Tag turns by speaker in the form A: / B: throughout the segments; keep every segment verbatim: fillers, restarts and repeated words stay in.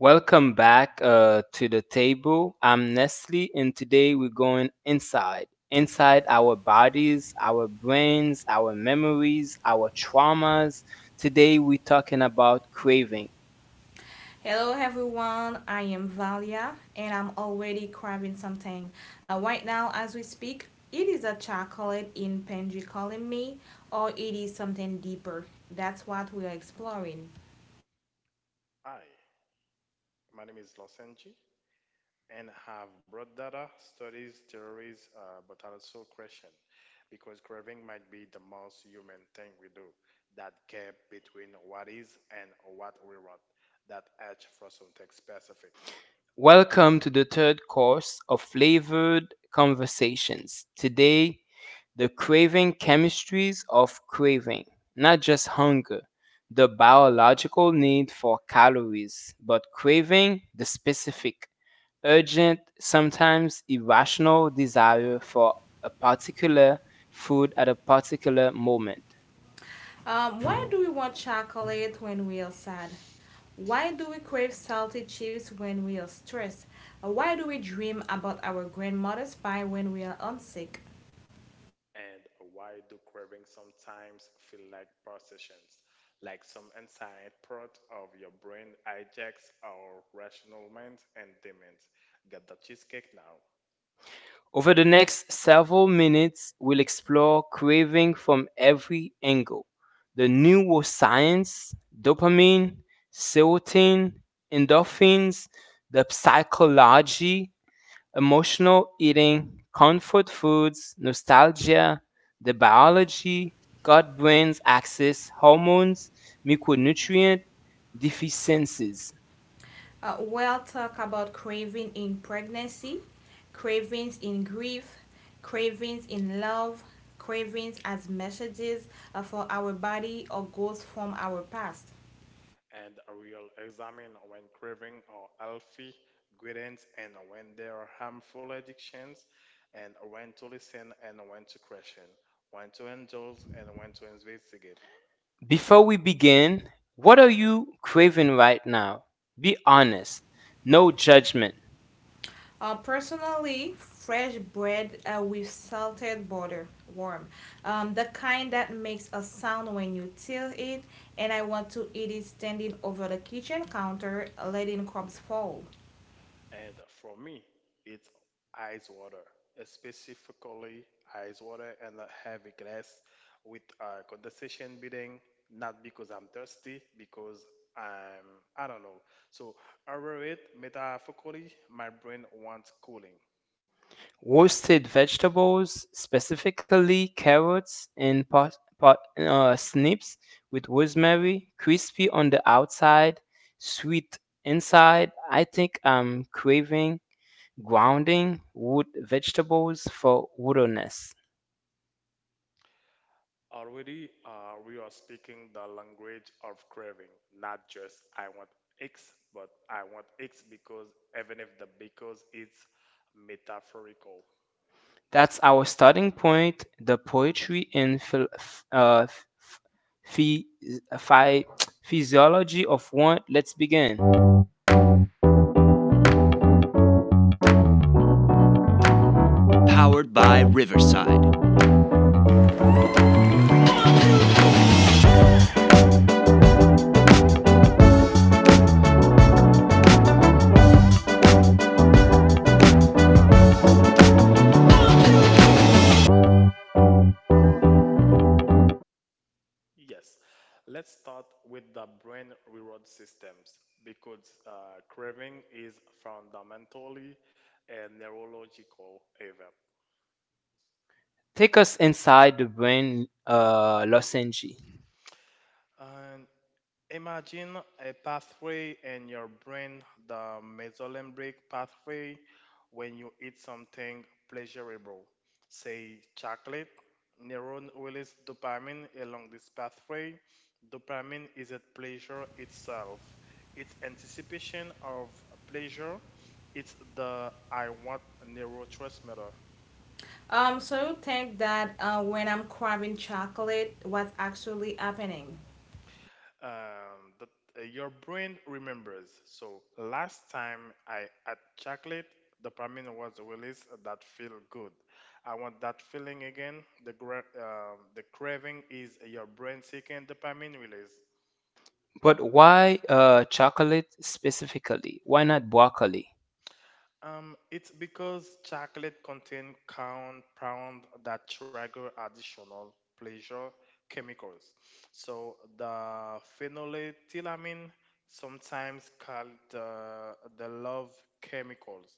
A: Welcome back uh, to the table. I'm Nestle, and today we're going inside. Inside our bodies, our brains, our memories, our traumas. Today we're talking about craving.
B: Hello everyone, I am Valia and I'm already craving something. Uh, right now, as we speak, it is a chocolate in Penji calling me, or it is something deeper. That's what we are exploring.
C: Hi, my name is Losenji and have brought data, studies, theories, uh, but also question because craving might be the most human thing we do. That gap between what is and what we want, that edge for something specific.
A: Welcome to the third course of Flavored Conversations. Today, the craving chemistries of craving, not just hunger, the biological need for calories, but craving the specific. Urgent, sometimes irrational desire for a particular food at a particular moment.
B: Um, why do we want chocolate when we are sad? Why do we crave salty chips when we are stressed? Uh, Why do we dream about our grandmother's pie when we are homesick?
C: And why do craving sometimes feel like possessions? Like some inside part of your brain hijacks our rational mind and demands, get the cheesecake now.
A: Over the next several minutes, we'll explore craving from every angle, the neuroscience, dopamine, serotonin, endorphins, the psychology, emotional eating, comfort foods, nostalgia, the biology, gut brain's axis, hormones, micronutrient deficiencies.
B: Uh, we'll talk about craving in pregnancy, cravings in grief, cravings in love, cravings as messages uh, for our body or goals from our past.
C: And will examine when craving are healthy gradients and when there are harmful addictions and when to listen and when to question, when to indulge and when to investigate.
A: Before we begin, what are you craving right now? Be honest, no judgment.
B: Uh, personally, fresh bread uh, with salted butter, warm, um, the kind that makes a sound when you tear it, and I want to eat it standing over the kitchen counter, letting crumbs fall.
C: And for me, it's ice water, specifically ice water and a heavy glass with a condensation beating, not because I'm thirsty, because I'm, I don't know. So, over it, metaphorically, my brain wants cooling.
A: Roasted vegetables, specifically carrots and pot, pot, uh, snips with rosemary, crispy on the outside, sweet inside. I think I'm craving grounding wood vegetables for woodiness.
C: Already, uh, we are speaking the language of craving, not just I want X, but I want X because even if the because is metaphorical.
A: That's our starting point. The poetry and phil- f- uh, f- phy- phy- physiology of want. Let's begin.
C: Yes, let's start with the brain reward systems because uh, craving is fundamentally a neurological event.
A: Take us inside the brain uh, lozenge.
C: And imagine a pathway in your brain, the mesolimbic pathway, when you eat something pleasurable, say chocolate. Neuron release dopamine along this pathway. Dopamine is a pleasure itself. It's anticipation of pleasure. It's the I want neurotransmitter.
B: Um, so you think that uh, when I'm craving chocolate, what's actually happening?
C: Um, that uh, Your brain remembers. So last time I had chocolate, dopamine was released that feel good. I want that feeling again. The gra- um the craving is your brain seeking dopamine release.
A: But why uh, chocolate specifically? Why not broccoli?
C: Um, it's because chocolate contains count pound that trigger additional pleasure chemicals. So the phenylethylamine, sometimes called uh, the love chemicals,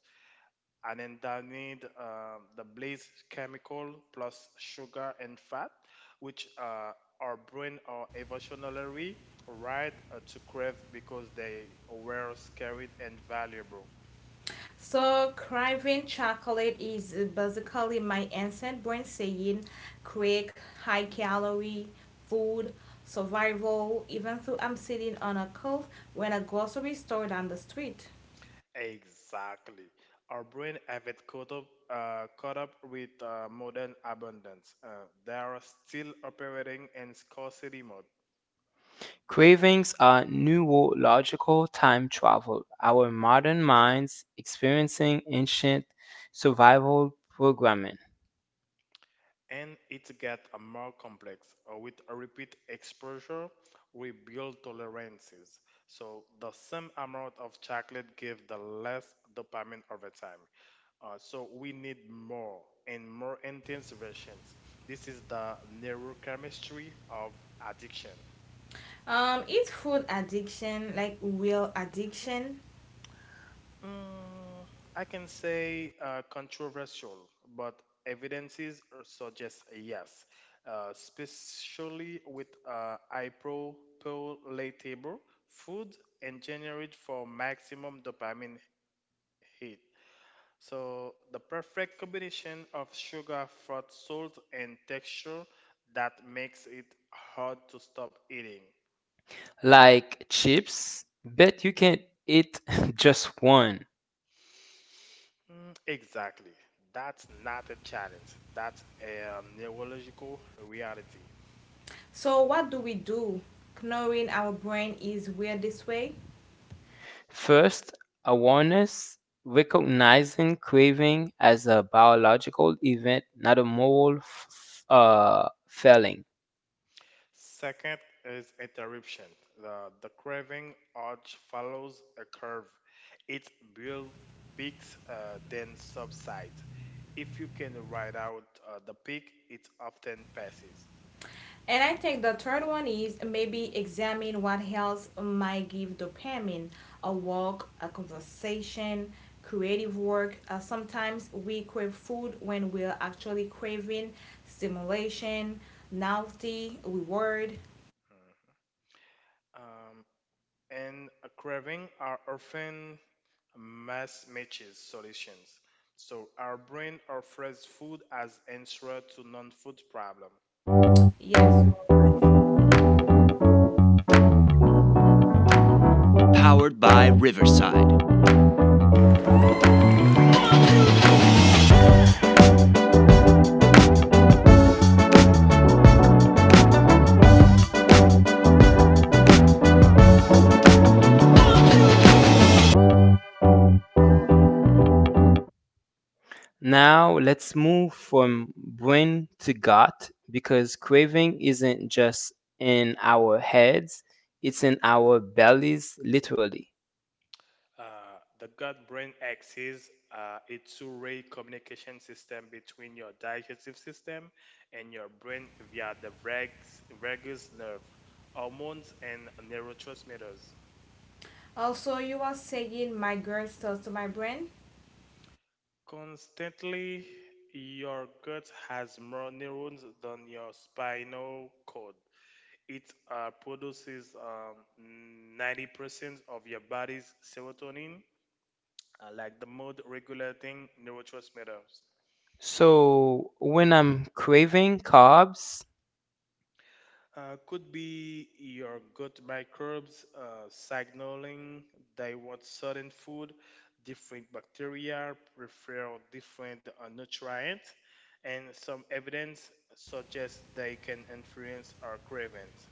C: and then they need uh, the blaze chemical plus sugar and fat, which uh, our brain are evolutionarily right uh, to crave because they were scared and valuable.
B: So craving chocolate is basically my instant brain saying, quick, high calorie food, survival, even though I'm sitting on a couch when a grocery store down the street.
C: Exactly. Our brain have it caught up, uh, caught up with uh, modern abundance. Uh, they are still operating in scarcity mode,
A: Cravings are neurological time travel, our modern minds experiencing ancient survival programming.
C: and it gets uh, more complex. Uh, with a repeat exposure, we build tolerances. So the same amount of chocolate gives the less dopamine over time. Uh, so we need more and more intense versions. This is the neurochemistry of addiction.
B: Um, it's food addiction, like real addiction.
C: Mm, I can say uh, controversial, but evidences suggest a yes, uh, especially with uh, ipropolatable food engineered for maximum dopamine hit. So the perfect combination of sugar, fat, salt, and texture that makes it hard to stop eating.
A: Like chips, bet you can eat just one.
C: Mm, Exactly. That's not a challenge. That's a neurological reality.
B: So what do we do? Knowing our brain is weird this way?
A: First, awareness, recognizing craving as a biological event, not a moral f- uh, failing.
C: Second is interruption. The, the craving arch follows a curve. It builds peaks, uh, then subsides. If you can ride out uh, the peak, it often passes.
B: And I think the third one is maybe examine what else might give dopamine a walk, a conversation, creative work. Uh, sometimes we crave food when we're actually craving stimulation, novelty, reward.
C: Um, and a craving are often mass matches solutions. So our brain offers food as answer to non-food problem.
B: Yes, you are.
A: Now let's move from brain to gut because craving isn't just in our heads, it's in our bellies literally.
C: Uh, the gut-brain axis uh, a two-way communication system between your digestive system and your brain via the vagus, vagus nerve, hormones, and neurotransmitters.
B: Also, you are saying my girl tells to my brain.
C: Constantly, your gut has more neurons than your spinal cord. It uh, produces um, ninety percent of your body's serotonin, uh, like the mood regulating neurotransmitters.
A: So when I'm craving carbs,
C: Uh, could be your gut microbes uh, signaling they want certain food, different bacteria prefer different uh, nutrients, and some evidence suggests they can influence our cravings.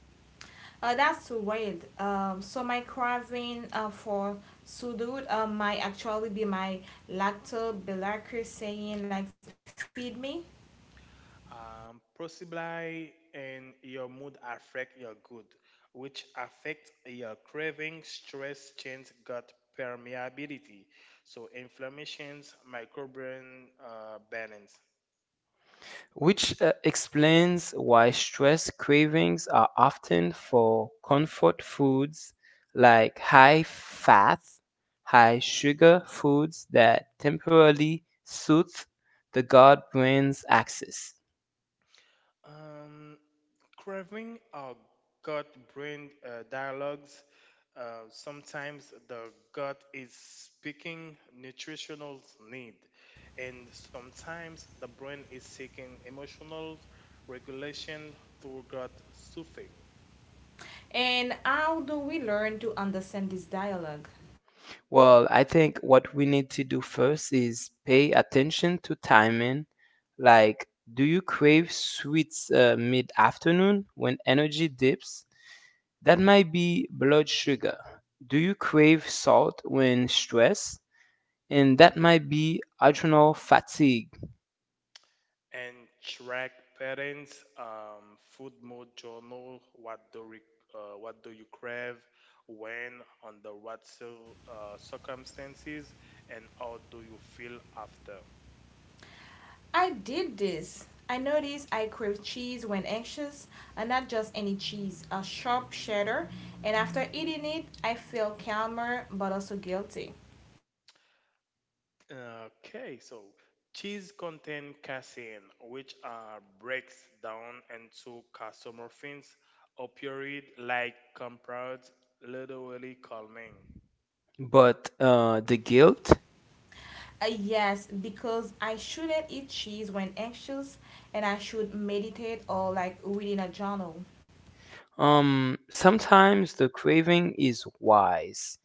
B: Uh, that's weird. Um, so my craving uh, for sudut uh, might actually be my lactobacillus saying like feed me.
C: Um, possibly and your mood affect your good, which affect your craving, stress, change, gut permeability. So inflammations, microbial uh, balance.
A: which uh, explains why stress cravings are often for comfort foods like high fat, high sugar foods that temporarily soothe the gut brain's axis.
C: Um, Craving our gut brain uh, dialogues. Uh, sometimes the gut is speaking nutritional need, and sometimes the brain is seeking emotional regulation through gut soothing.
B: And how do we learn to understand this dialogue?
A: Well, I think what we need to do first is pay attention to timing. Like, do you crave sweets uh, mid-afternoon when energy dips? That might be blood sugar. Do you crave salt when stressed? And that might be adrenal fatigue.
C: And track patterns, um, food mode journal, what do re- uh, what do you crave, when, under what cir- uh, circumstances, and how do you feel after.
B: I did this. I noticed I crave cheese when anxious, and not just any cheese, a sharp cheddar. And after eating it, I feel calmer but also guilty.
C: Okay, so cheese contain casein, which uh, breaks down into casomorphins, opioid like compounds, literally calming.
A: But uh, the guilt?
B: Uh, yes, because I shouldn't eat cheese when anxious, and I should meditate or like reading a journal.
A: Um, sometimes the craving is wise.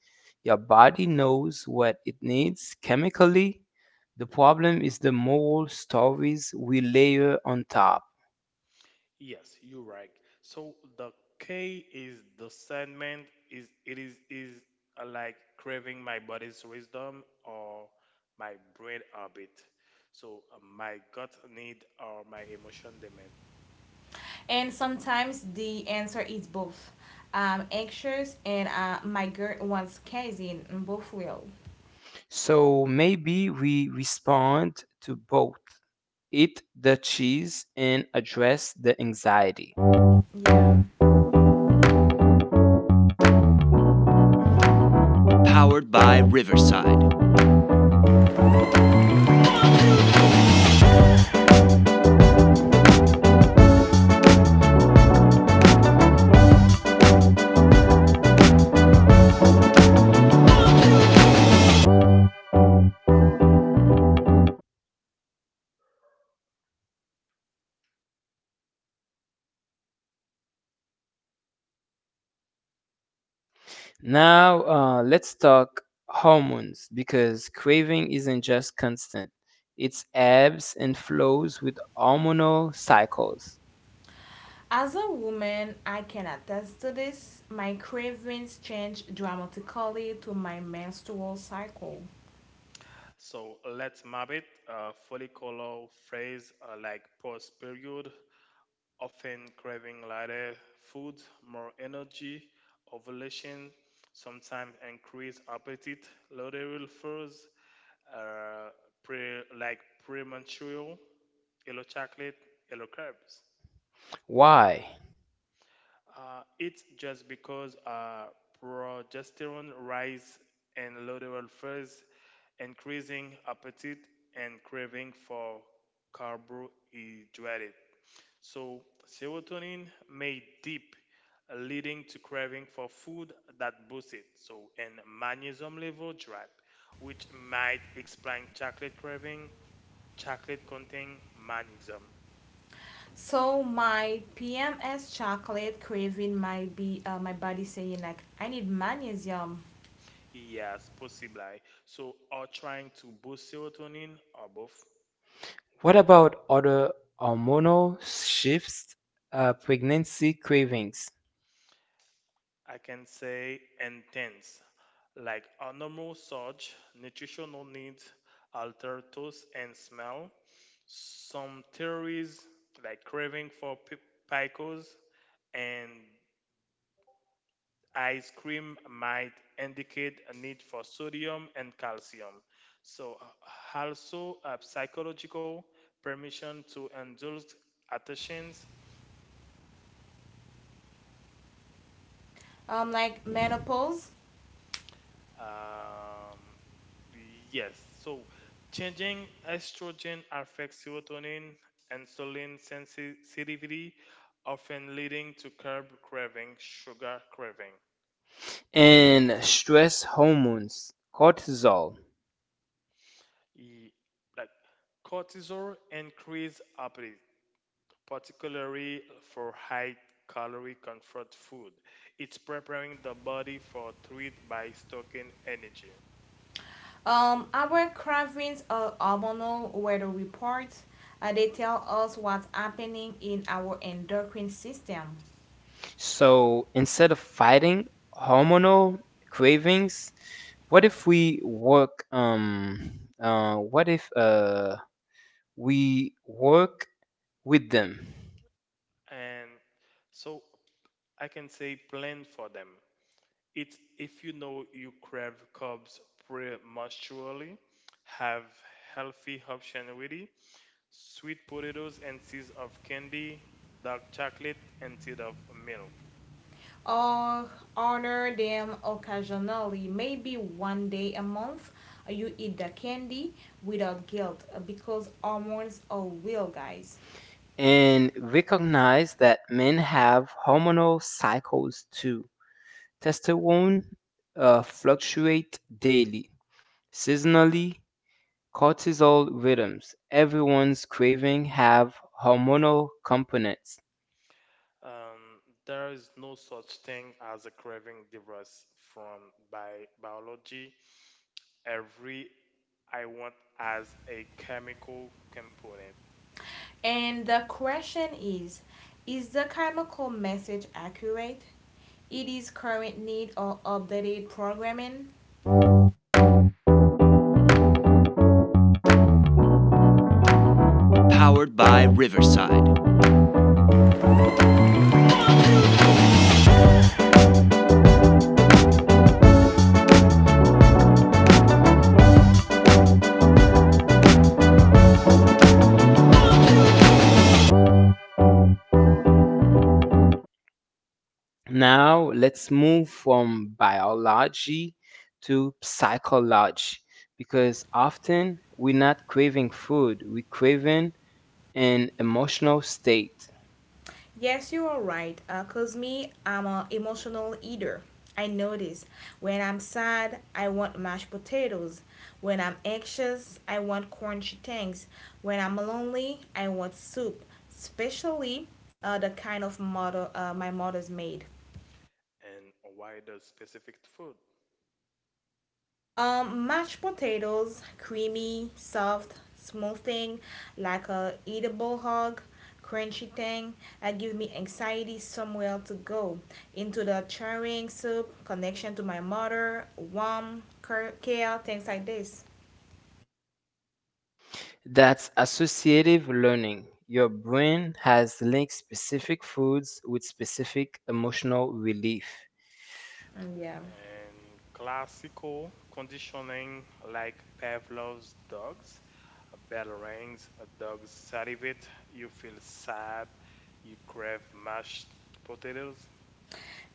A: Your body knows what it needs chemically. The problem is the moral stories we layer on top.
C: Yes, you're right. So the K is the sentiment is it is is uh, like craving my body's wisdom or my brain orbit. So uh, my gut need or my emotion demand.
B: And sometimes the answer is both. I'm anxious and uh, my girl wants casein, both will.
A: So maybe we respond to both, eat the cheese and address the anxiety.
B: Yeah.
A: Now, uh, let's talk hormones because craving isn't just constant, it's ebbs and flows with hormonal cycles.
B: As a woman, I can attest to this. My cravings change dramatically to my menstrual cycle.
C: So let's map it. Uh, follicular phase uh, like post period, often craving lighter food, more energy, ovulation, sometimes increased appetite, luteal phase, uh, pre, like premature, yellow chocolate, yellow carbs.
A: Why?
C: Uh, it's just because uh, progesterone rise and luteal phase, increasing appetite and craving for carbohydrate. So serotonin may dip, leading to craving for food that boosts it. So and magnesium level drop, which might explain chocolate craving, chocolate contain magnesium.
B: So my P M S chocolate craving might be uh, my body saying like I need magnesium.
C: Yes, possibly. So, are trying to boost serotonin or both?
A: What about other hormonal shifts, uh, pregnancy cravings,
C: I can say intense, like a normal surge, nutritional needs alter taste and smell. Some theories like craving for pi- pickles and ice cream might indicate a need for sodium and calcium. So, uh, also a psychological permission to indulge attentions.
B: Um, like menopause.
C: Um, yes. So changing estrogen affects serotonin and insulin sensitivity, often leading to carb craving, sugar craving.
A: and stress hormones, cortisol?
C: E- like cortisol increase appetite, particularly for high calorie comfort food. It's preparing the body for treat by stocking energy.
B: Um, our cravings are hormonal weather reports. Uh, they tell us what's happening in our endocrine system.
A: So instead of fighting hormonal cravings, what if we work? Um, uh, what if uh, we work with them
C: And so I can say plan for them. It's if you know you crave cubs prematurely, have healthy option with sweet potatoes instead of candy, dark chocolate instead of milk.
B: Or honor them occasionally, maybe one day a month. uh, You eat the candy without guilt uh, because hormones are real, guys.
A: and recognize that men have hormonal cycles too. Testosterone uh, fluctuate daily, seasonally. Cortisol rhythms, everyone's craving have hormonal components.
C: Um, there is no such thing as a craving divorce from bi- biology. Every I want as a chemical component.
B: And the question is Is the chemical message accurate? It is current need or updated programming?
A: Now let's move from biology to psychology because often we're not craving food, we're craving an emotional state.
B: Yes, you are right. Uh, Cause me, I'm a emotional eater. I notice when I'm sad, I want mashed potatoes. When I'm anxious, I want crunchy things. When I'm lonely, I want soup, especially uh, the kind of mother uh, my mother's made.
C: And why the specific food?
B: Um, mashed potatoes, creamy, soft, smooth thing, like a eatable hog, crunchy thing that gives me anxiety somewhere to go. Into the charring soup, connection to my mother, warm cur- care, things like this.
A: That's associative learning. Your brain has linked specific foods with specific emotional relief.
B: Mm, yeah.
C: And classical conditioning like Pavlov's dogs. A bell rings, a dog salivate, you feel sad, you crave mashed potatoes.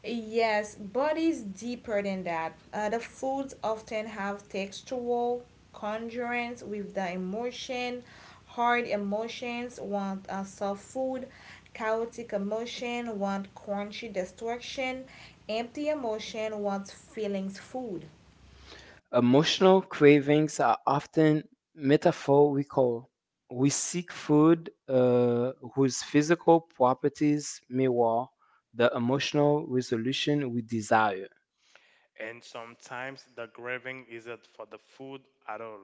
B: Yes, but it's deeper than that. Uh, the foods often have textual congruence with the emotion. Hard emotions want uh, soft food, chaotic emotion want crunchy destruction, empty emotion wants feelings food.
A: Emotional cravings are often metaphorical. We seek food uh, whose physical properties mirror the emotional resolution we desire.
C: And sometimes the craving isn't for the food at all,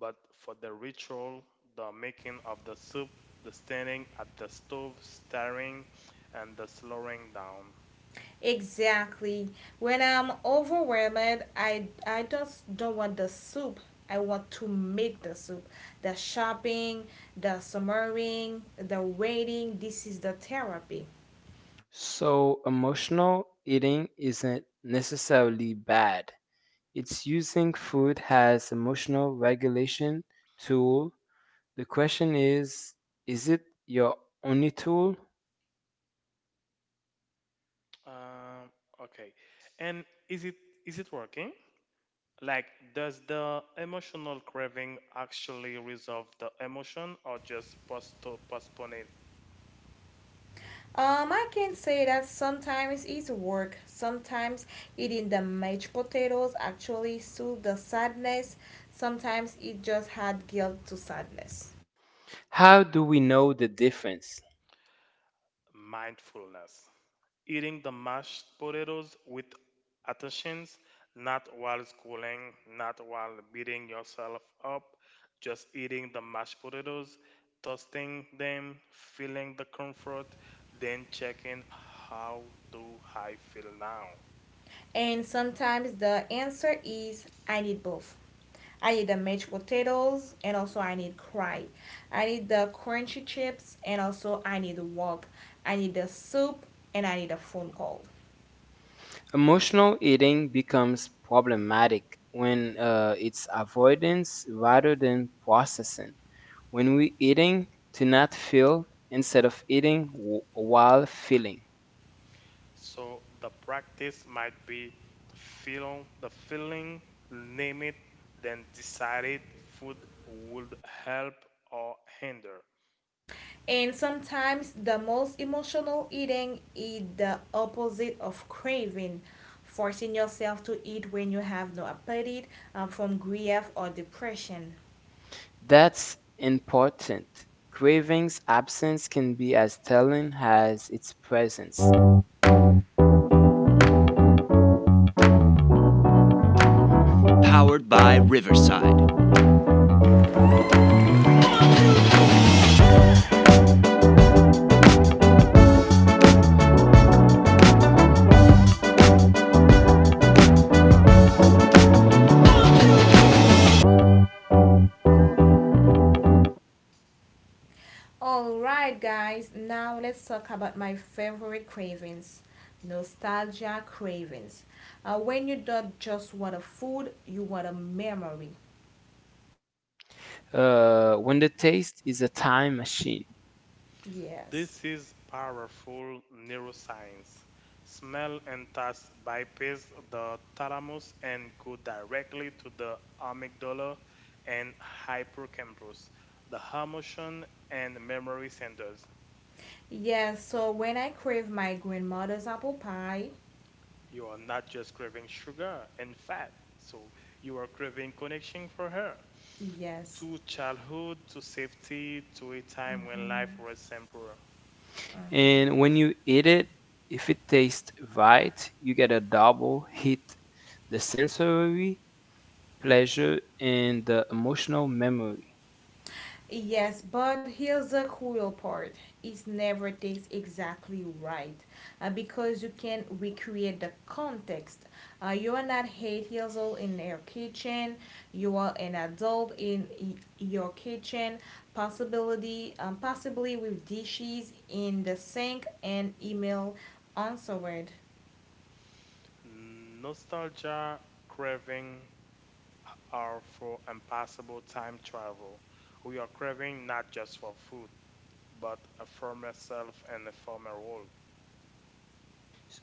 C: but for the ritual, the making of the soup, the standing at the stove, staring, and the slowing down.
B: Exactly. When I'm overwhelmed, I I just don't want the soup. I want to make the soup. The shopping, the summering, the waiting, this is the therapy.
A: So, emotional eating isn't necessarily bad. It's using food as emotional regulation tool. The question is Is it your only tool?
C: Um, okay. And is it is it working? Like, does the emotional craving actually resolve the emotion or just posto- postpone it?
B: Um, I can say that sometimes it's work. Sometimes eating the mashed potatoes actually soothe the sadness. Sometimes it just had guilt to sadness.
A: How do we know the difference?
C: Mindfulness. Eating the mashed potatoes with attentions, not while schooling, not while beating yourself up, just eating the mashed potatoes, toasting them, feeling the comfort, then checking how do I feel now?
B: And sometimes the answer is I need both. I need the mashed potatoes and also I need cry. I need the crunchy chips and also I need the wok. I need the soup and I need a phone call.
A: Emotional eating becomes problematic when uh, it's avoidance rather than processing. When we eating to not feel instead of eating w- while feeling.
C: So the practice might be feel the feeling, name it, then decide it food would help or hinder.
B: And sometimes the most emotional eating is the opposite of craving, forcing yourself to eat when you have no appetite um, from grief or depression.
A: That's important. Craving's absence can be as telling as its presence.
B: Alright, guys, now let's talk about my favorite cravings, nostalgia cravings. Uh, when you don't just want a food, you want a memory.
A: Uh, when the taste is a time machine.
B: Yes.
C: This is powerful neuroscience. Smell and taste bypass the thalamus and go directly to the amygdala and hippocampus, the emotion and memory centers.
B: Yes, so when I crave my grandmother's apple pie,
C: You are not just craving sugar and fat, so you are craving connection for her.
B: yes.
C: To childhood, to safety, to a time when
B: Mm-hmm.
C: life was simpler.
B: Mm-hmm.
A: And when you eat it, if it tastes right, you get a double hit, the sensory pleasure and the emotional memory.
B: Yes, but here's the cruel part. It never tastes exactly right uh, because you can recreate the context. Uh, you are not eight years old in your kitchen. You are an adult in y- your kitchen. Possibility, um, possibly with dishes in the sink and email answered.
C: Nostalgia craving are for impossible time travel. We are craving not just for food, but a former self and a former world.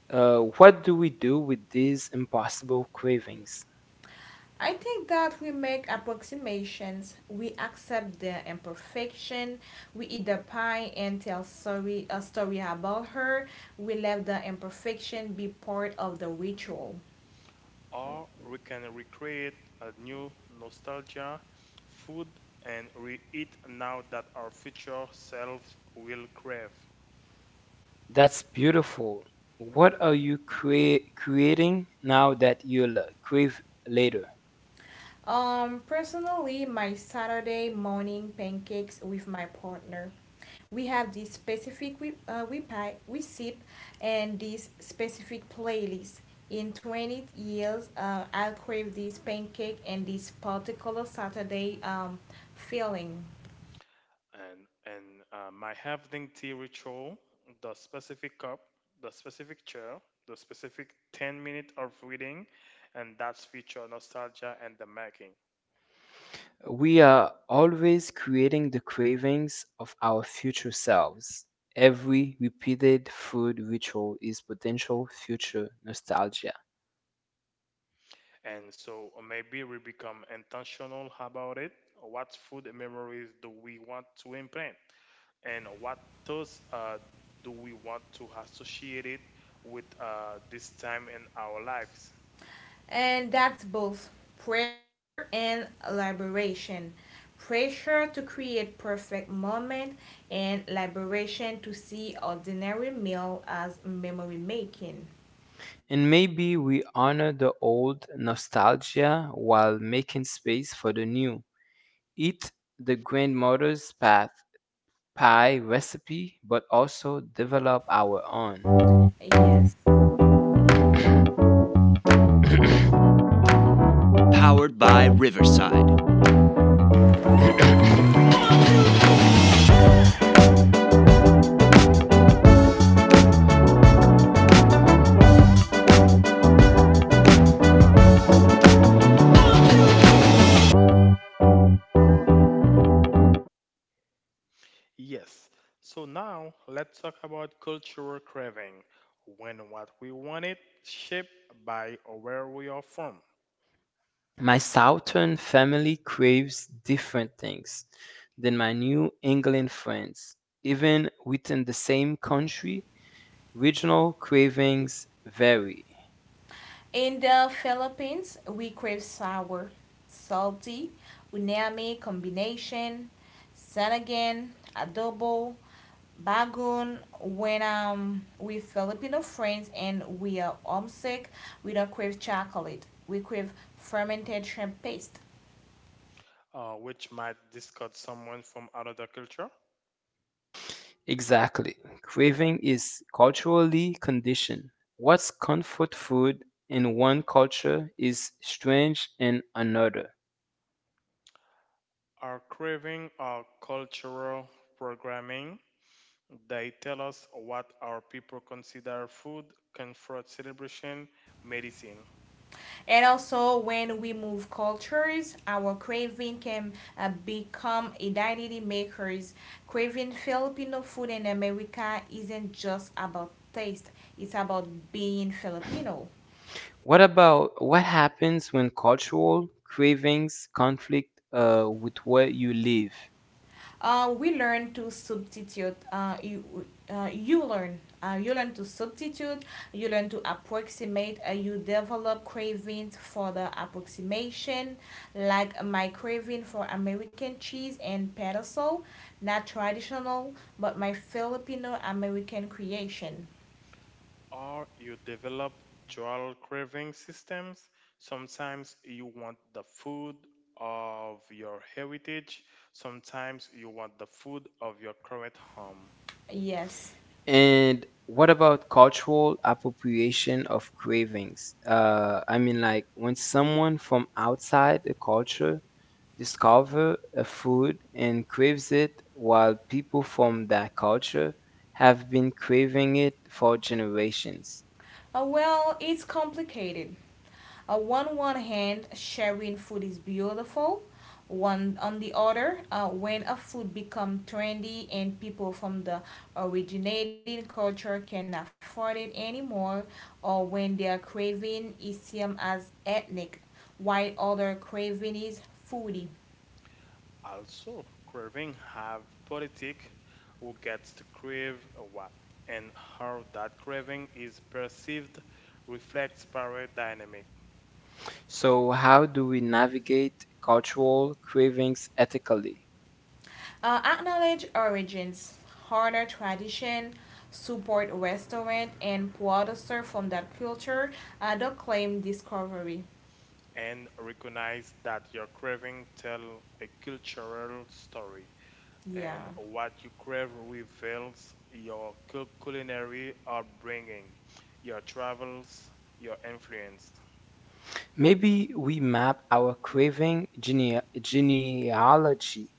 A: Uh, what do we do with these impossible cravings?
B: I think that we make approximations, we accept the imperfection, we eat the pie and tell sorry a story about her, we let the imperfection be part of the ritual.
C: Or we can recreate a new nostalgia food and we eat now that our future selves will crave.
A: That's beautiful. What are you crea- creating now that you'll crave later?
B: Um, personally, my Saturday morning pancakes with my partner. We have this specific we uh, we pie we sip, and this specific playlist. In twenty years, uh, I'll crave this pancake and this particular Saturday um feeling.
C: And and uh, My evening tea ritual, the specific cup, the specific chair, the specific ten minutes of reading, and that's future nostalgia and the making.
A: We are always creating the cravings of our future selves. Every repeated food ritual is potential future nostalgia.
C: And so uh, maybe we become intentional about it. What food memories do we want to implant? And what thoughts uh, do we want to associate it with uh, this time in our lives?
B: And that's both pressure and liberation. Pressure to create perfect moment and liberation to see ordinary meal as memory making.
A: And maybe we honor the old nostalgia while making space for the new. Eat the grandmother's path pie recipe, but also develop our own.
B: Yes.
C: Yes. So now let's talk about cultural craving. When what we want it shaped by where we are from,
A: My Southern family craves different things than my New England friends. Even within the same country, regional cravings vary.
B: In the Philippines, we crave sour, salty, unami combination, sanagan, adobo, bagun. When um with Filipino friends and we are homesick, we don't crave chocolate. We crave fermented shrimp paste.
C: uh, which might discard someone from another culture.
A: Exactly. Craving is culturally conditioned. What's comfort food in one culture is strange in another.
C: Our craving our cultural programming. They tell us what our people consider food, comfort, celebration, medicine.
B: And also, when we move cultures, our craving can uh, become identity makers. Craving Filipino food in America isn't just about taste, it's about being Filipino.
A: What about what happens when cultural cravings conflict uh, with where you live?
B: Uh, we learn to substitute. Uh, you, uh, you learn. Uh, you learn to substitute. You learn to approximate. Uh, you develop cravings for the approximation, like my craving for American cheese and pedestal, not traditional, but my Filipino American creation.
C: Or you develop dual craving systems. Sometimes you want the food of your heritage, sometimes you want the food of your current home.
B: Yes.
A: And what about cultural appropriation of cravings? Uh, I mean, like when someone from outside the culture discover a food and craves it, while people from that culture have been craving it for generations.
B: Uh, well, it's complicated. Uh, on one hand, sharing food is beautiful. One on the other, uh, when a food become trendy and people from the originating culture can not afford it anymore, or when their craving is seen as ethnic, while other craving is foodie.
C: Also, craving have politic who gets to crave what and how that craving is perceived reflects power dynamic.
A: So, how do we navigate cultural cravings ethically?
B: Uh, acknowledge origins, honor tradition, support restaurant and producer from that culture. Uh, don't claim discovery.
C: And recognize that your craving tell a cultural story
B: Yeah.
C: and what you crave reveals your cul- culinary upbringing, your travels, your influence.
A: Maybe we map our craving genea- genealogy.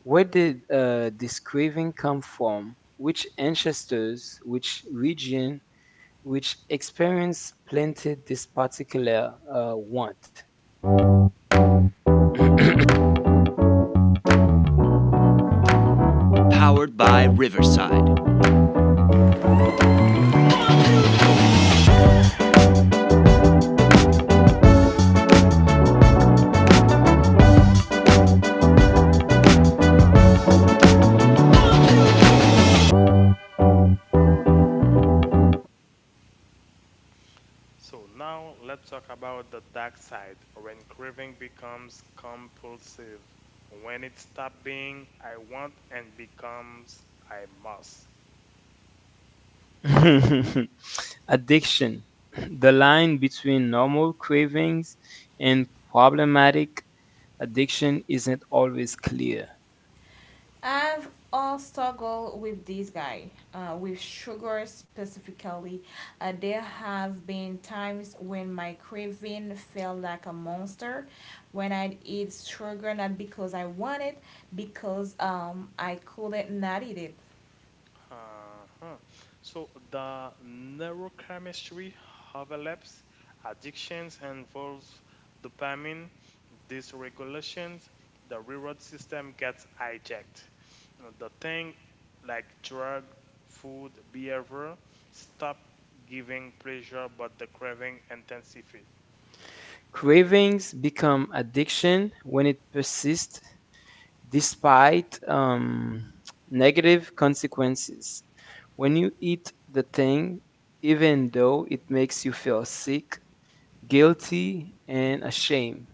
A: Where did uh, this craving come from? Which ancestors, which region, which experience planted this particular uh, want?
C: So now let's talk about the dark side when craving becomes compulsive, when it stops being I want and becomes I must.
A: Addiction. The line between normal cravings and problematic addiction isn't always clear.
C: Hmm.
B: I've all struggled with this guy, uh, with sugar specifically. Uh, there have been times when my craving felt like a monster, when I'd eat sugar not because I wanted, because um I couldn't not eat it.
C: Uh-huh. So the neurochemistry overlaps addictions and involves dopamine dysregulations. The reward system gets hijacked. Uh, The thing like drug, food, behavior stop giving pleasure, but the craving intensifies.
A: Cravings become addiction when it persists despite um, negative consequences. When you eat the thing, even though it makes you feel sick, guilty, and ashamed,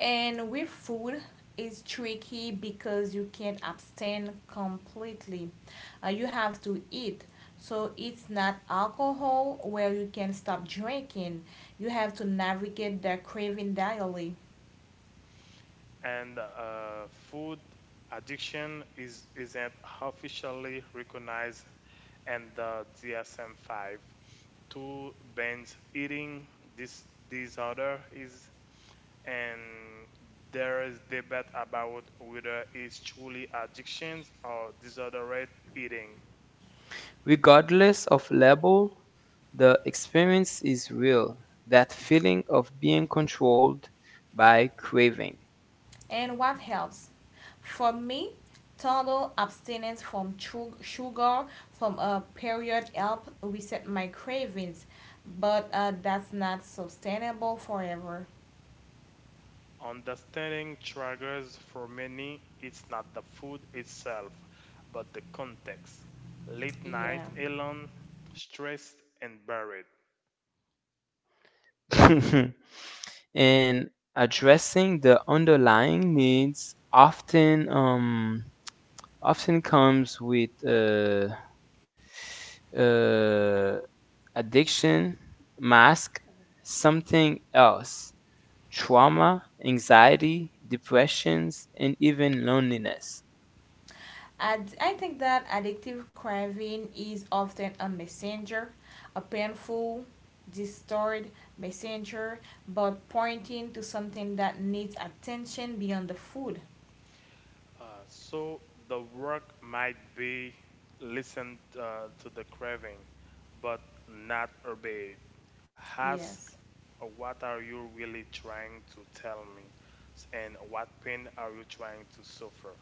B: And with food, it's tricky because you can't abstain completely. Uh, you have to eat. So it's not alcohol where you can stop drinking. You have to navigate the craving daily.
C: And uh, food addiction is isn't officially recognized in the D S M five. Two binge eating this disorder is, and there is debate about whether it's truly addictions or disordered eating.
A: regardless of label, the experience is real. That feeling of being controlled by craving.
B: And what helps? For me, total abstinence from sugar from a period helped reset my cravings, but uh, that's not sustainable forever.
C: Understanding triggers for many it's not the food itself, but the context. Late
B: Yeah.
C: night, alone, stressed, and buried.
A: And addressing the underlying needs often um, often comes with uh, uh, addiction, mask, something else, trauma, anxiety, depressions, and even loneliness.
B: And I think that addictive craving is often a messenger, a painful, distorted messenger, but pointing to something that needs attention beyond the food.
C: Uh, so the work might be listen uh, to the craving, but not obey it. Ask
B: Yes.
C: uh, what are you really trying to tell me, and what pain are you trying to suffer?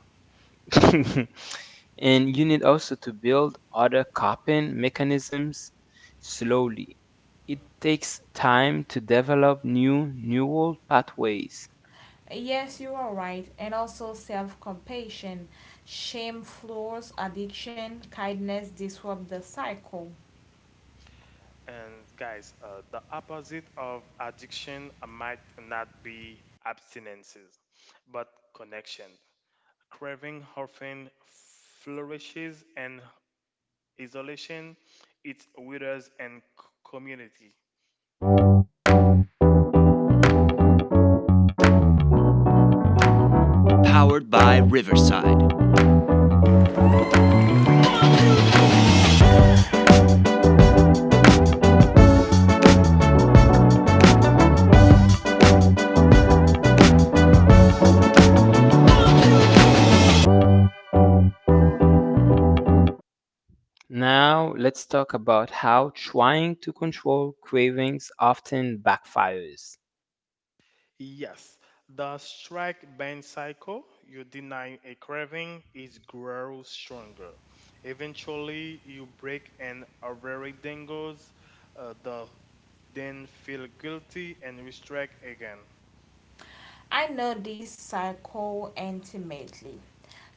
A: And you need also to build other coping mechanisms slowly. It takes time to develop new neural pathways.
B: Yes, you are right. And also self compassion. Shame floors addiction, kindness disrupts the cycle.
C: And guys, uh, the opposite of addiction might not be abstinences, but connection. Craving often flourishes in isolation, it withers in c- community.
A: Now, let's talk about how trying to control cravings often backfires.
C: Yes, the strike band cycle, you deny a craving, it grows stronger. Eventually, you break an ovary dangles, uh, the, then feel guilty and restrict again.
B: I know this cycle intimately.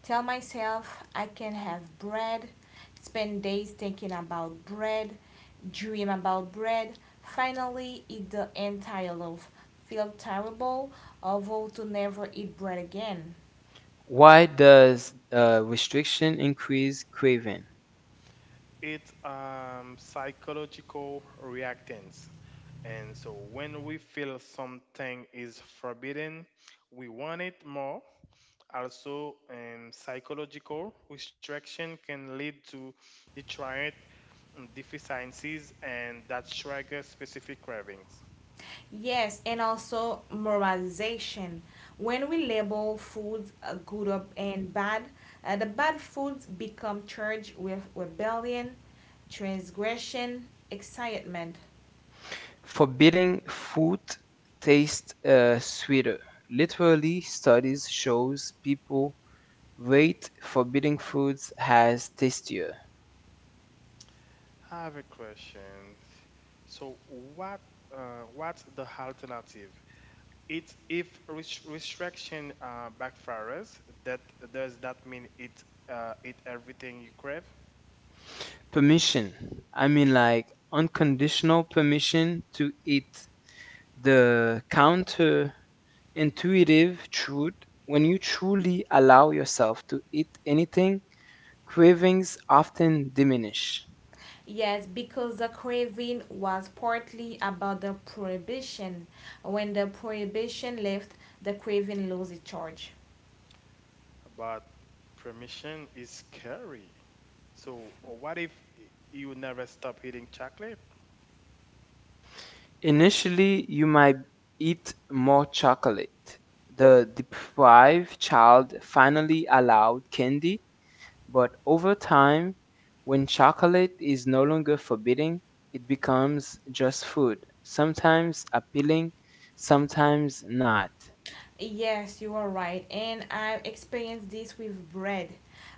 B: Tell myself I can have bread, spend days thinking about bread, dream about bread, finally eat the entire loaf, feel terrible, or vow to never eat bread again.
A: Why does uh, restriction increase craving?
C: It's um, psychological reactance. And so when we feel something is forbidden, we want it more. Also, um, psychological restriction can lead to deterrent um, deficiencies and that trigger specific cravings.
B: Yes, and also moralization. When we label foods uh, good or- and bad, uh, the bad foods become charged with rebellion, transgression, excitement.
A: Forbidding food tastes uh, sweeter. Literally, studies shows people rate forbidding foods as tastier.
C: I have a question. So, what uh, what's the alternative? It's if res- restriction uh, backfires, that does that mean it uh, it everything you crave?
A: Permission. I mean, like unconditional permission to eat. The counterintuitive truth. When you truly allow yourself to eat anything, cravings often diminish.
B: Yes, because the craving was partly about the prohibition. When the prohibition left, the craving lost its charge.
C: But permission is scary. So what if you never stop eating chocolate?
A: Initially, you might eat more chocolate. The deprived child finally allowed candy, but over time, when chocolate is no longer forbidden, it becomes just food, sometimes appealing, sometimes not.
B: Yes, you are right. And I've experienced this with bread.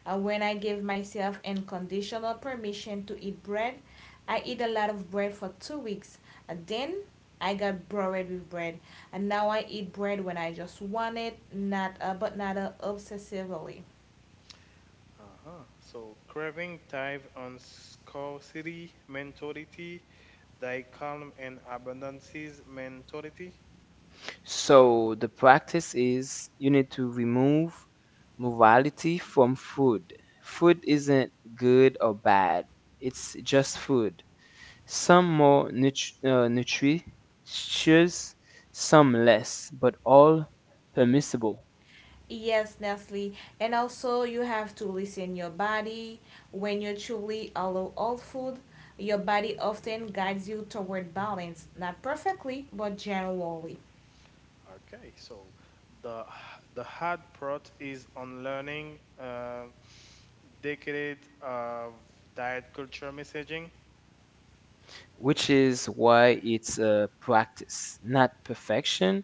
B: Uh, when I give myself unconditional permission to eat bread, I eat a lot of bread for two weeks. Uh, then I got bored with bread. And now I eat bread when I just want it, not uh, but not uh, obsessively.
C: Uh-huh. So craving thrive on scarcity mentality, calm and abundances mentality.
A: So the practice is you need to remove morality from food. Food isn't good or bad, it's just food. Some more nut- uh, nutritious, some less, but all permissible,
B: Yes, Nestle. And also, you have to listen your body. When you truly allow all food, your body often guides you toward balance, not perfectly, but generally.
C: Okay, so the the hard part is unlearning. Um decade of diet culture messaging.
A: which is why it's a practice, not perfection.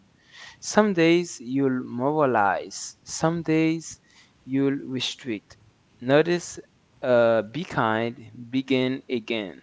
A: Some days you'll moralize, some days you'll restrict. Notice, uh, be kind, begin again.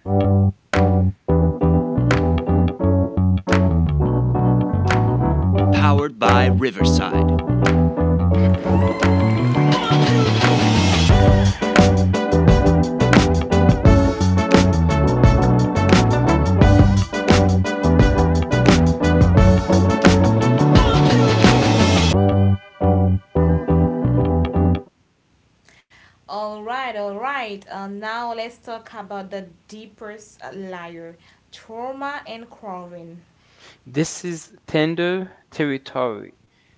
B: All right, all right. Uh, now let's talk about the deepest layer, trauma and craving.
A: This is tender territory,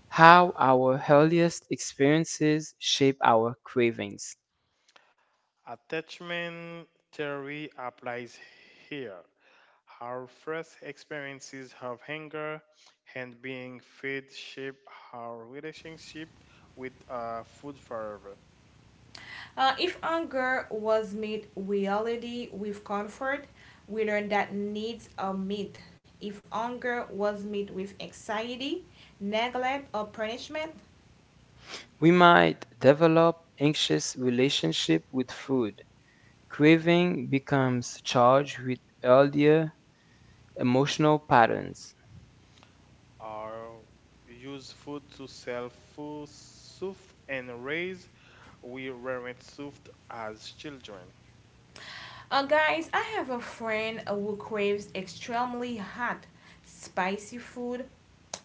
A: how our earliest experiences shape our cravings.
C: Attachment theory applies here. Our first experiences of hunger and being fed shape our relationship with uh, food forever.
B: Uh, if anger was made reality with comfort, we learn that needs are met. If anger was met with anxiety, neglect, or punishment.
A: We might develop anxious relationship with food. Craving becomes charged with earlier emotional patterns.
C: Our use food to self soothe and raise. We weren't soothed as children.
B: Uh, guys, I have a friend who craves extremely hot, spicy food.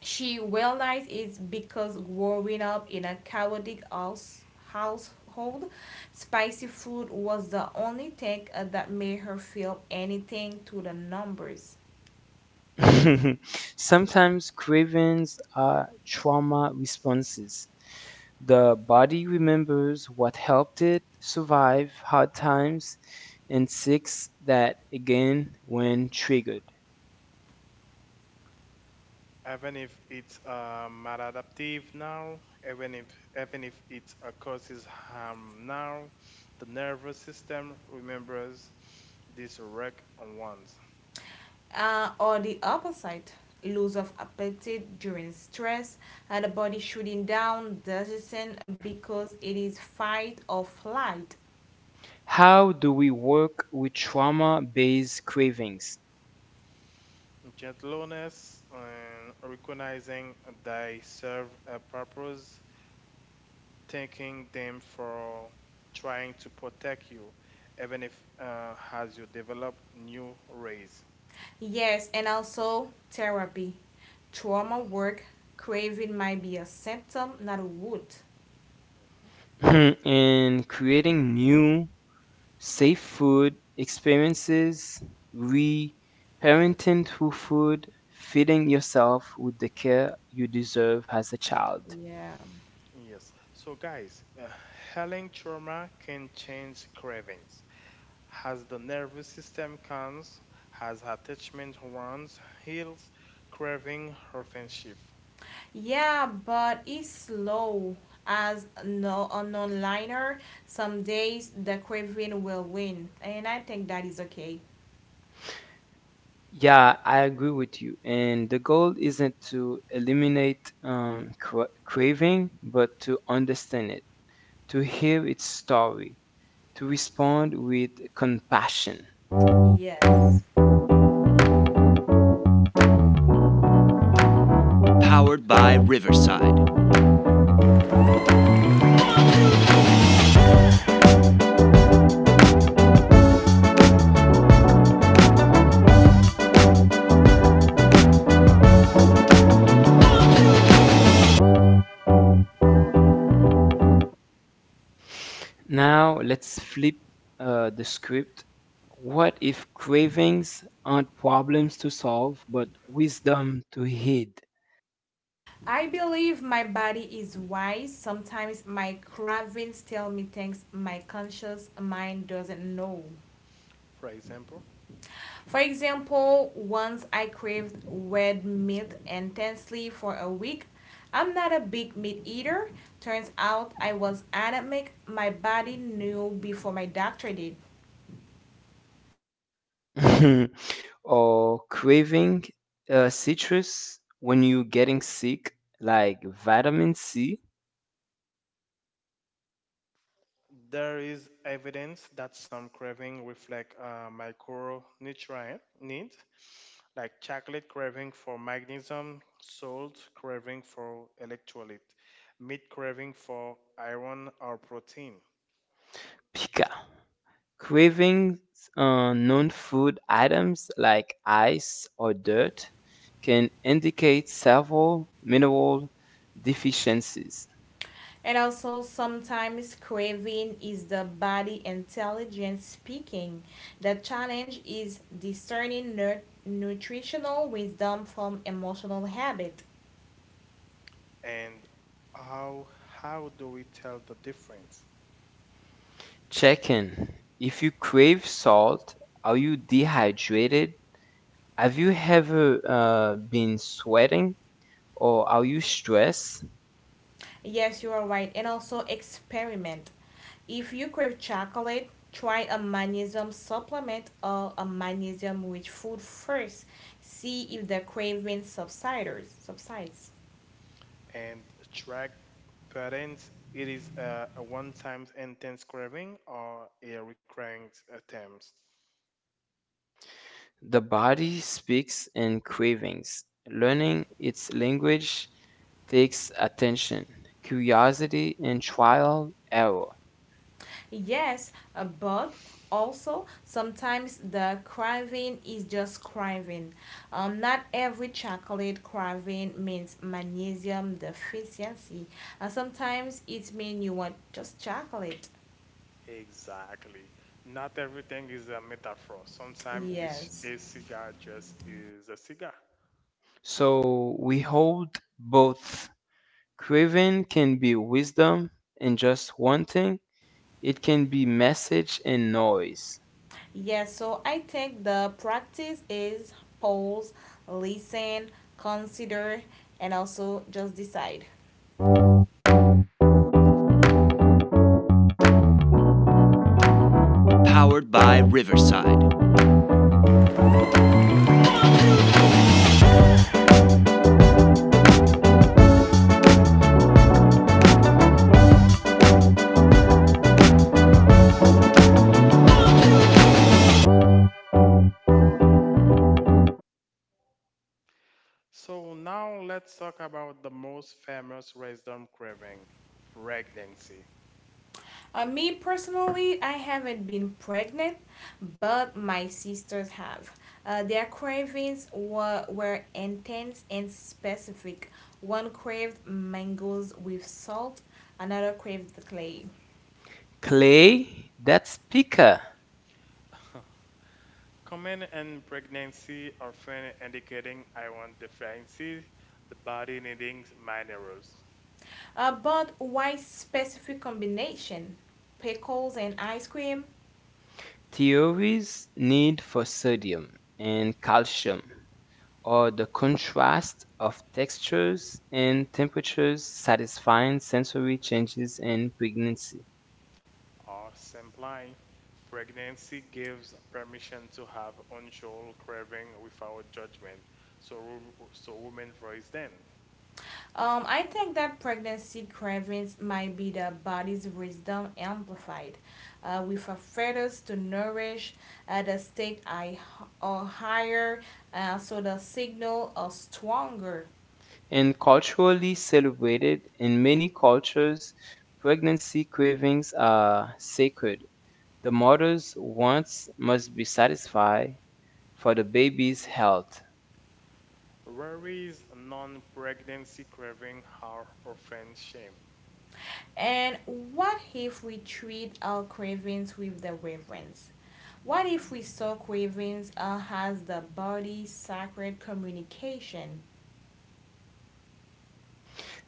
B: She realized it's because growing up in a chaotic house, household, spicy food was the only thing uh, that made her feel anything to the numbers.
A: Sometimes cravings are trauma responses. The body remembers what helped it survive hard times and seeks that again when triggered.
C: Even if it's uh, maladaptive now, even if even if it uh, causes harm now, the nervous system remembers these wreck once.
B: Uh, or the opposite, loss of appetite during stress, and the body shutting down digestion because it is fight or flight.
A: How do we work with trauma based cravings?
C: Gentleness and recognizing they serve a purpose, thanking them for trying to protect you, even if uh, as you develop new rays.
B: Yes, and also therapy. Trauma
C: Mhm.
B: work, craving might be a symptom, not a wound.
A: In creating new safe food experiences, re parenting through food, feeding yourself with the care you deserve as a child.
B: Yeah.
C: Yes. So, guys, uh, healing trauma can change cravings. As the nervous system calms, as attachment wounds heals, craving often shift.
B: Yeah, but it's slow. As no a non-liner, some days the craving will win, and I think that is okay.
A: Yeah, I agree with you. And the goal isn't to eliminate um, cra- craving, but to understand it, to hear its story, to respond with compassion.
B: Yes.
A: Now let's flip uh, the script. What if cravings aren't problems to solve, but wisdom to heed?
B: I believe my body is wise. Sometimes my cravings tell me things my conscious mind doesn't know.
C: For example,
B: For example, once I craved red meat intensely for a week. I'm not a big meat eater. Turns out I was anemic. My body knew before my doctor did.
A: Or craving uh, citrus when you're getting sick, like vitamin C,
C: there is evidence that some craving reflect uh, micronutrient needs, like chocolate craving for magnesium, salt craving for electrolyte, meat craving for iron or protein.
A: pica. Cravings uh, non food items like ice or dirt can indicate several mineral deficiencies.
B: And also, sometimes craving is the body intelligence speaking. The challenge is discerning nu- nutritional wisdom from emotional habit.
C: And how how do we tell the difference
A: Check in. If you crave salt, are you dehydrated? Have you ever uh, been sweating or are you stressed?
B: Yes, you are right. And also experiment. If you crave chocolate, try a magnesium supplement or a magnesium rich food first. See if the craving subsides. subsides.
C: and track patterns it is a, a one-time intense craving or a recurring attempt.
A: The body speaks in cravings. Learning its language takes attention, curiosity, and trial error.
B: Yes, uh, but also sometimes the craving is just craving. Um, not every chocolate craving means magnesium deficiency. Uh, sometimes it means you want just chocolate.
C: Exactly, not everything is a metaphor, sometimes it's
B: Yes.
C: a cigar just is a cigar.
A: So we hold both. Craving can be wisdom and just wanting, it can be message and noise.
B: Yes, so I think the practice is pause, listen, consider, and also just decide.
C: So now let's talk about the most famous wisdom craving, pregnancy.
B: Uh, me personally, I haven't been pregnant, but my sisters have. Uh, their cravings were, were intense and specific. One craved mangoes with salt, another craved the clay.
A: Clay, that's pica.
C: Common in pregnancy often indicating iron deficiency, the body needing minerals,
B: Uh, but why specific combination? Pickles and ice cream?
A: Theories need for sodium and calcium, or the contrast of textures and temperatures satisfying sensory changes in pregnancy.
C: or simply pregnancy gives permission to have unusual craving without judgment. So, wo- so women voice then.
B: Um, I think that pregnancy cravings might be the body's wisdom amplified, uh, with a fetus to nourish at the stakes I or higher, uh, so the signal are stronger.
A: And culturally celebrated in many cultures, pregnancy cravings are sacred. The mother's wants must be satisfied for the baby's health.
C: Worries, non-pregnancy craving are often shame,
B: And what if we treat our cravings with the reverence? What if we saw cravings uh, as the body's sacred communication?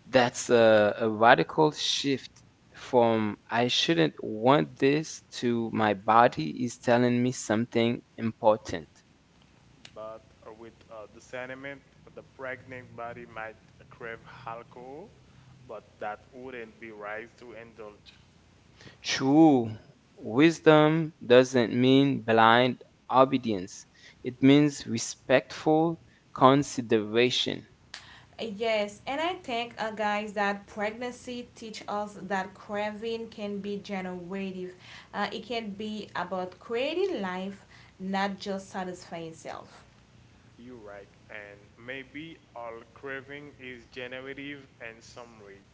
A: That's a, a radical shift from I shouldn't want this to my body is telling me something important.
C: but with uh, the sentiment, the pregnant body might crave alcohol, but that wouldn't be right to indulge.
A: True wisdom doesn't mean blind obedience, it means respectful consideration.
B: Yes, and I think, uh, guys, that pregnancy teach us that craving can be generative. Uh, it can be about creating life, not just satisfying self.
C: You're right, and maybe our craving is generative and summary.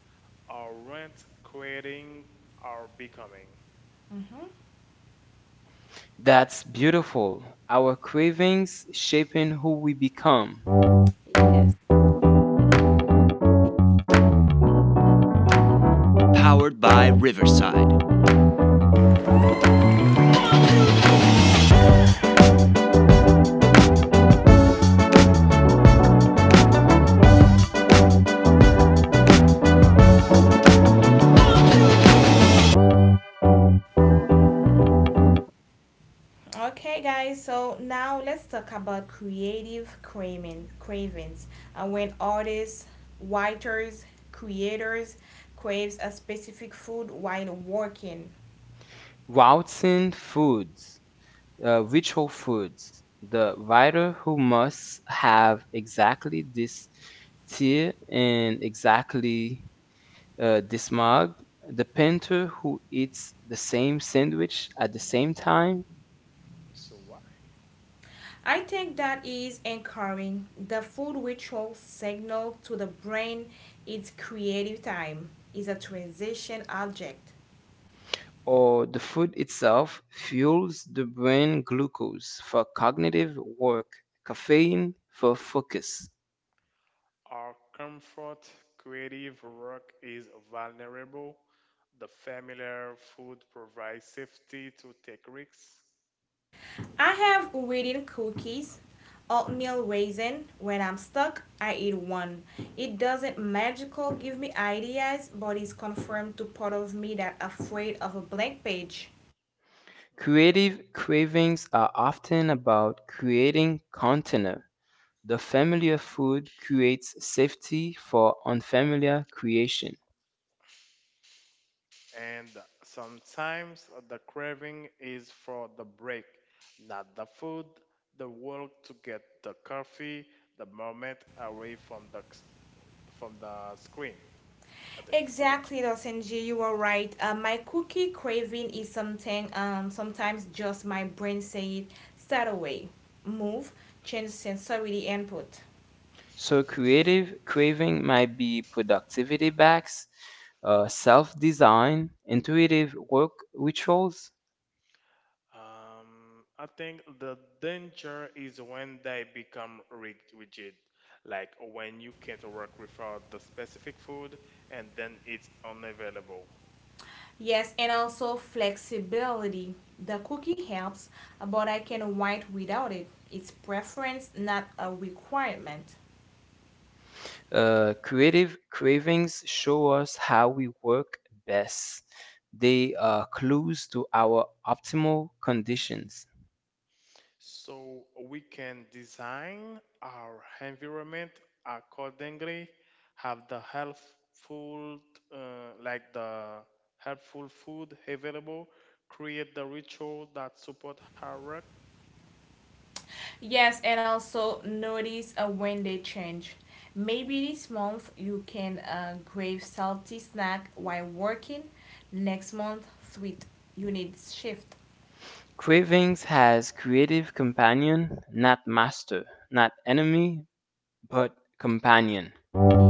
C: Our rent creating our becoming.
B: Mm-hmm.
A: That's beautiful. Our cravings shaping who we become.
B: Yes. Okay, guys. So now let's talk about creative craving, cravings. Uh, when artists, writers, creators craves a specific food while working,
A: Routes foods. Uh, which Whole Foods? The writer who must have exactly this tear and exactly uh, this mug? The painter who eats the same sandwich at the same time?
C: So why?
B: I think that is encouraging. The food ritual signal to the brain its creative time is a transition object.
A: Or the food itself fuels the brain glucose for cognitive work, caffeine for focus?
C: Our comfort creative work is vulnerable. The familiar food provides safety to take risks.
B: I have written cookies, oatmeal raisin. When I'm stuck, I eat one. It doesn't magical give me ideas, but it's confirmed to part of me that afraid of a blank page.
A: Creative cravings are often about creating container. The familiar food creates safety for unfamiliar creation.
C: And sometimes the craving is for the break, not the food, the walk to get the coffee, the moment away from the s- from the screen. I think.
B: Exactly, Dosenji, you are right. Uh, my cookie craving is something um sometimes just my brain saying start away, move, change sensory input.
A: So creative craving might be productivity backs, uh, self-design, intuitive work rituals.
C: Um, I think the danger is when they become rig- rigid, like when you can't work without the specific food and then it's unavailable.
B: Yes, and also flexibility. The cookie helps, but I can wait without it. It's preference, not a requirement.
A: Uh, creative cravings show us how we work best. They are clues to our optimal conditions.
C: So we can design our environment accordingly, have the helpful, uh, like the helpful food available, create the ritual that support our work.
B: Yes, and also notice uh, when they change. Maybe this month you can uh, crave salty snack while working. Next month, sweet. You need shift.
A: Cravings has creative companion, not master, not enemy, but companion.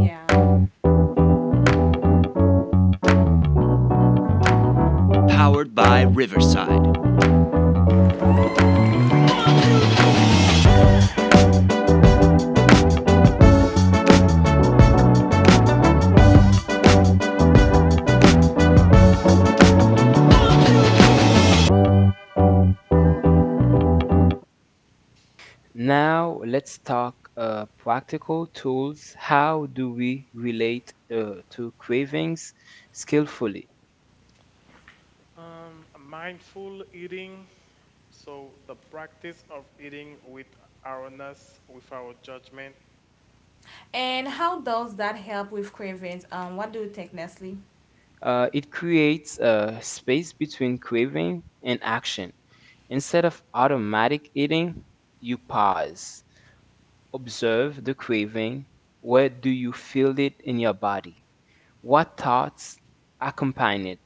B: Yeah.
A: Now let's talk uh, practical tools. How do we relate uh, to cravings skillfully?
C: Um, mindful eating, so the practice of eating with awareness, with our judgment.
B: And how does that help with cravings? Um, what do you think, Nestle?
A: Uh, it creates a space between craving and action. Instead of automatic eating, you pause, observe the craving. Where do you feel it in your body? What thoughts accompany it?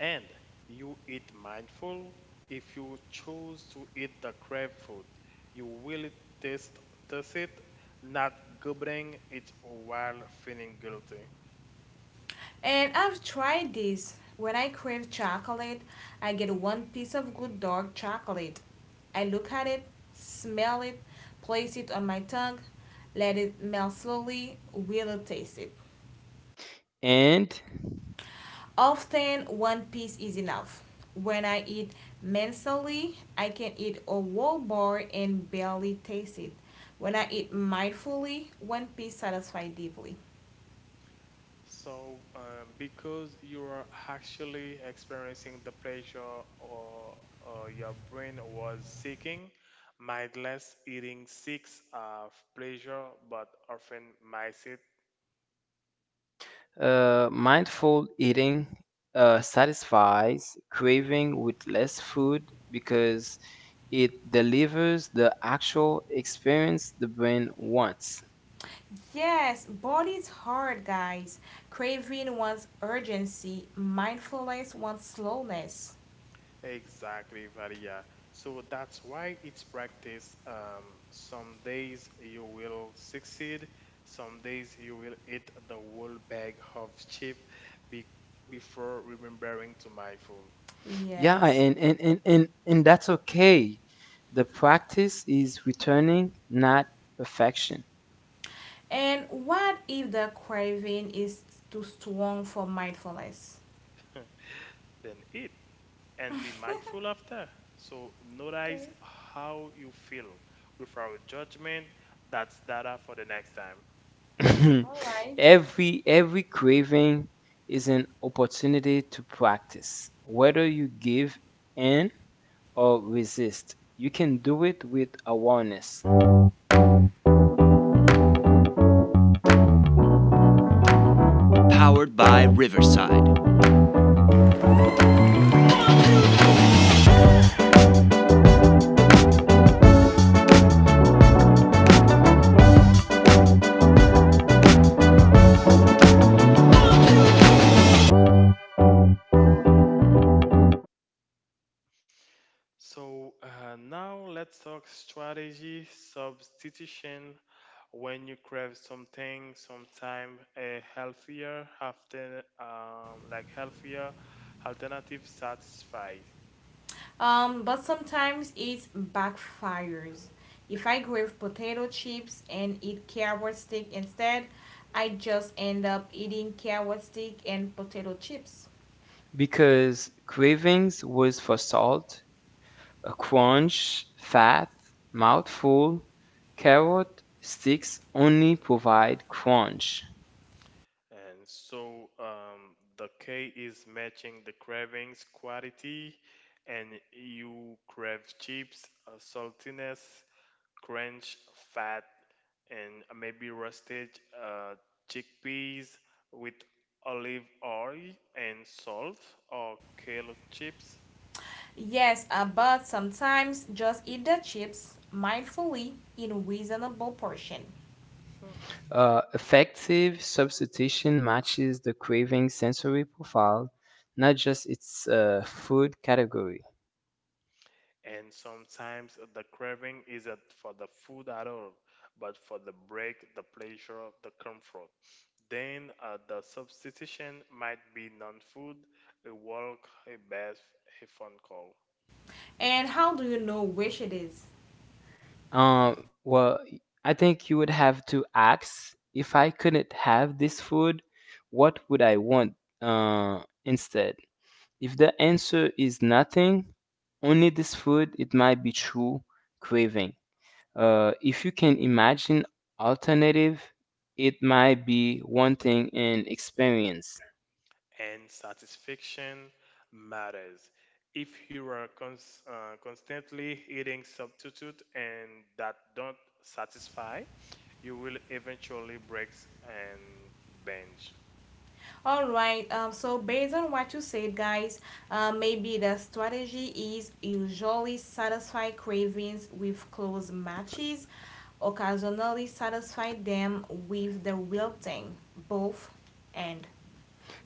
C: And you eat mindful. If you choose to eat the crave food, you will taste, taste it, not gobbling it while feeling guilty.
B: And I've tried this. When I crave chocolate, I get one piece of good dark chocolate. I look at it, smell it, place it on my tongue, let it melt slowly, will taste it.
A: And
B: Often, one piece is enough. When I eat mentally, I can eat a whole bar and barely taste it. When I eat mindfully, one piece satisfies deeply.
C: So, um, because you are actually experiencing the pleasure or, or your brain was seeking, mindless eating seeks uh, pleasure but often misses.
A: Uh, mindful eating uh, satisfies craving with less food because it delivers the actual experience the brain wants.
B: Yes, body's hard, guys. Craving wants urgency, mindfulness wants slowness.
C: Exactly, Varia. So that's why it's practice. Um, some days you will succeed, some days you will eat the whole bag of chip be- before remembering to mindful.
A: Yeah,
B: Yes.
A: and, and, and, and, and that's okay. The practice is returning, not perfection.
B: And what if the craving is too strong for mindfulness?
C: Then eat and be
B: Okay.
C: mindful after. So notice how you feel without judgment. That's data for the next time.
B: All right.
A: every every craving is an opportunity to practice. Whether you give in or resist, you can do it with awareness.
C: So uh, now let's talk strategy substitution. When you crave something, sometime a healthier, often um, like healthier alternative satisfies.
B: Um, but sometimes it backfires. If I crave potato chips and eat carrot stick instead, I just end up eating carrot stick and potato chips.
A: Because cravings was for salt, a crunch, fat, mouthful, carrot sticks only provide crunch.
C: And so um, the K is matching the cravings quality, and you crave chips, uh, saltiness, crunch, fat, and maybe roasted uh, chickpeas with olive oil and salt or kale chips.
B: Yes, uh, but sometimes just eat the chips mindfully in a reasonable portion.
C: Hmm.
A: Uh, effective substitution matches the craving sensory profile, not just its uh, food category.
C: And sometimes the craving isn't for the food at all, but for the break, the pleasure, the comfort. Then uh, the substitution might be non food, a walk, a bath, a phone call.
B: And how do you know which it is?
A: Um, well, I think you would have to ask if I couldn't have this food, what would I want uh, instead? If the answer is nothing, only this food, it might be true craving. Uh, if you can imagine alternative, it might be wanting an experience.
C: And satisfaction matters. If you are cons- uh, constantly eating substitute and that don't satisfy, you will eventually break and binge.
B: All right. Um, so based on what you said, guys, uh, maybe the strategy is usually satisfy cravings with close matches, occasionally satisfy them with the wilting, both and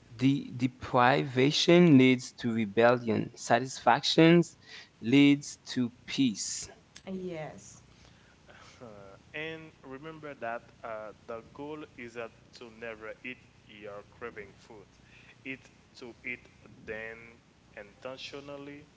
A: The deprivation leads to rebellion. Satisfactions leads to peace.
B: yes,
C: Uh, and remember that uh, the goal is uh, to never eat your craving food. It's to eat then intentionally,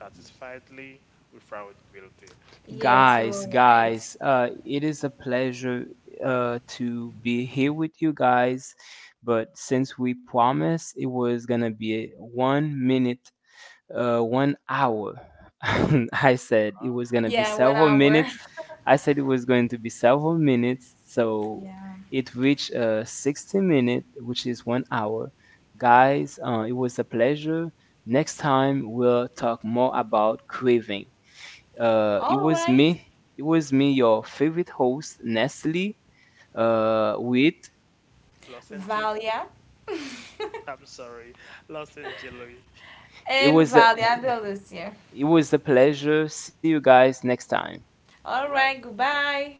C: satisfiedly, without guilty.
B: yes, you're
A: Guys,
B: right.
A: guys, uh, it is a pleasure uh, to be here with you guys. But since we promised it was gonna be a one minute uh, one hour. I said it
C: Ah,
A: was gonna be
B: Yeah, one
A: several
B: hour.
A: minutes. I said it was going to be several minutes. So
B: Yeah.
A: it reached uh, sixty minutes, which is one hour. Guys, uh, it was a pleasure. Next time we'll talk more about craving. Uh, it
B: All
A: was
B: right,
A: me. It was me, your favorite host, Nestle. Uh, with
C: Los
B: Valia.
C: I'm sorry, Los Angeles.
A: it
B: And
A: was a
B: Valiada Lucia.
A: it was a pleasure. See you guys next time.
C: All
B: All
C: right.
B: right, goodbye.